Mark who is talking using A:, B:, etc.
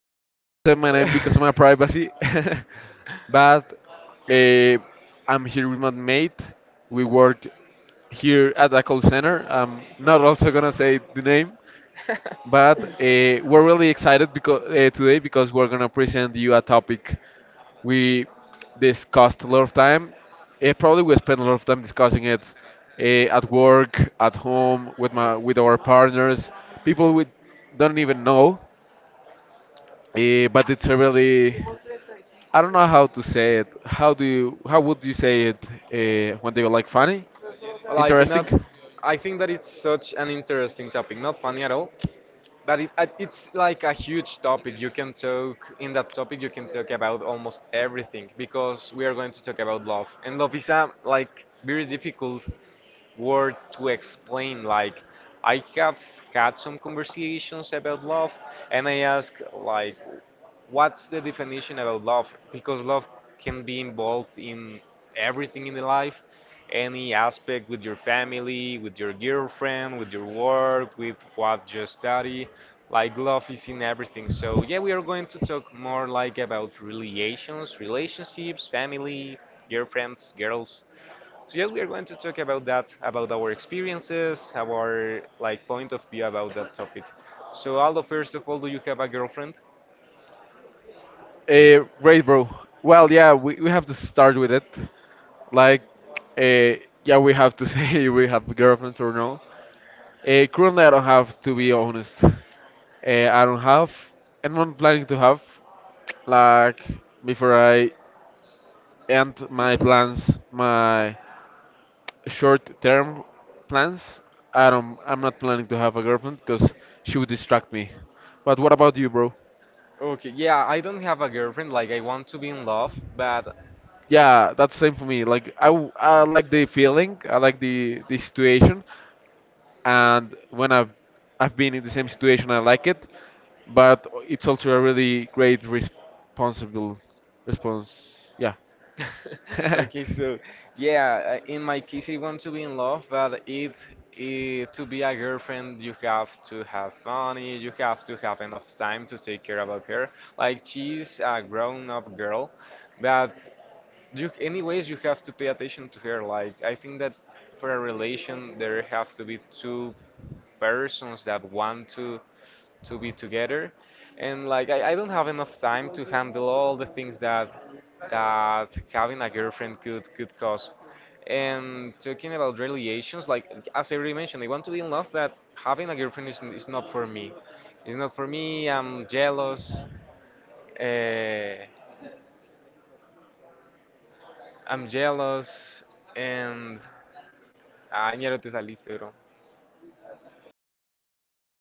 A: I cannot say my name because of my privacy, but uh, I'm here with my mate. We work here at a call center. I'm not also gonna say the name, but we're really excited because today because we're gonna present you a topic we discussed a lot of time. Probably we spent a lot of time discussing it at work, at home, with my with our partners, people we don't even know. But it's a really I don't know how to say it. How do you how would you say it when they were like funny,
B: Like
A: interesting?
B: not, I think that it's such an interesting topic, not funny at all. But it's like a huge topic. You can talk, in that topic, you can talk about almost everything, because we are going to talk about love. And love is a very difficult word to explain. Like, I have had some conversations about love, and I ask, like, what's the definition about love? Because love can be involved in everything in the life, any aspect, with your family, with your girlfriend, with your work, with what you study. Like love is in everything. So yeah, we are going to talk more like about relations, relationships, family, girlfriends, girls. So yes, we are going to talk about that, about our experiences, our like point of view about that topic. So Aldo, first of all, do you have a girlfriend?
A: Great, bro. Well, yeah, we have to start with it. Like, uh, yeah, we have to say we have girlfriends or no. Currently, I don't have, to be honest. I don't have, and I'm planning to have, like, before I end my plans, my short-term plans. I'm not planning to have a girlfriend because she would distract me. But what about you, bro?
B: Okay, yeah, I don't have a girlfriend. Like, I want to be in love, but to.
A: Yeah, that's same for me. I like the feeling, I like the situation, and when I've been in the same situation, I like it. But it's also a really great responsible response. Yeah. Yeah.
B: Okay, so yeah, in my case, I want to be in love, but it, to be a girlfriend, you have to have money, you have to have enough time to take care about her. Like she's a grown-up girl, but you, anyways, you have to pay attention to her. Like I think that for a relation, there have to be two persons that want to be together. And like I don't have enough time to handle all the things that having a girlfriend could cause. And talking about relations, like, as I already mentioned, I want to be in love, but having a girlfriend is not for me. It's not for me. I'm jealous. uh, I'm jealous. And ah, ñero te saliste bro.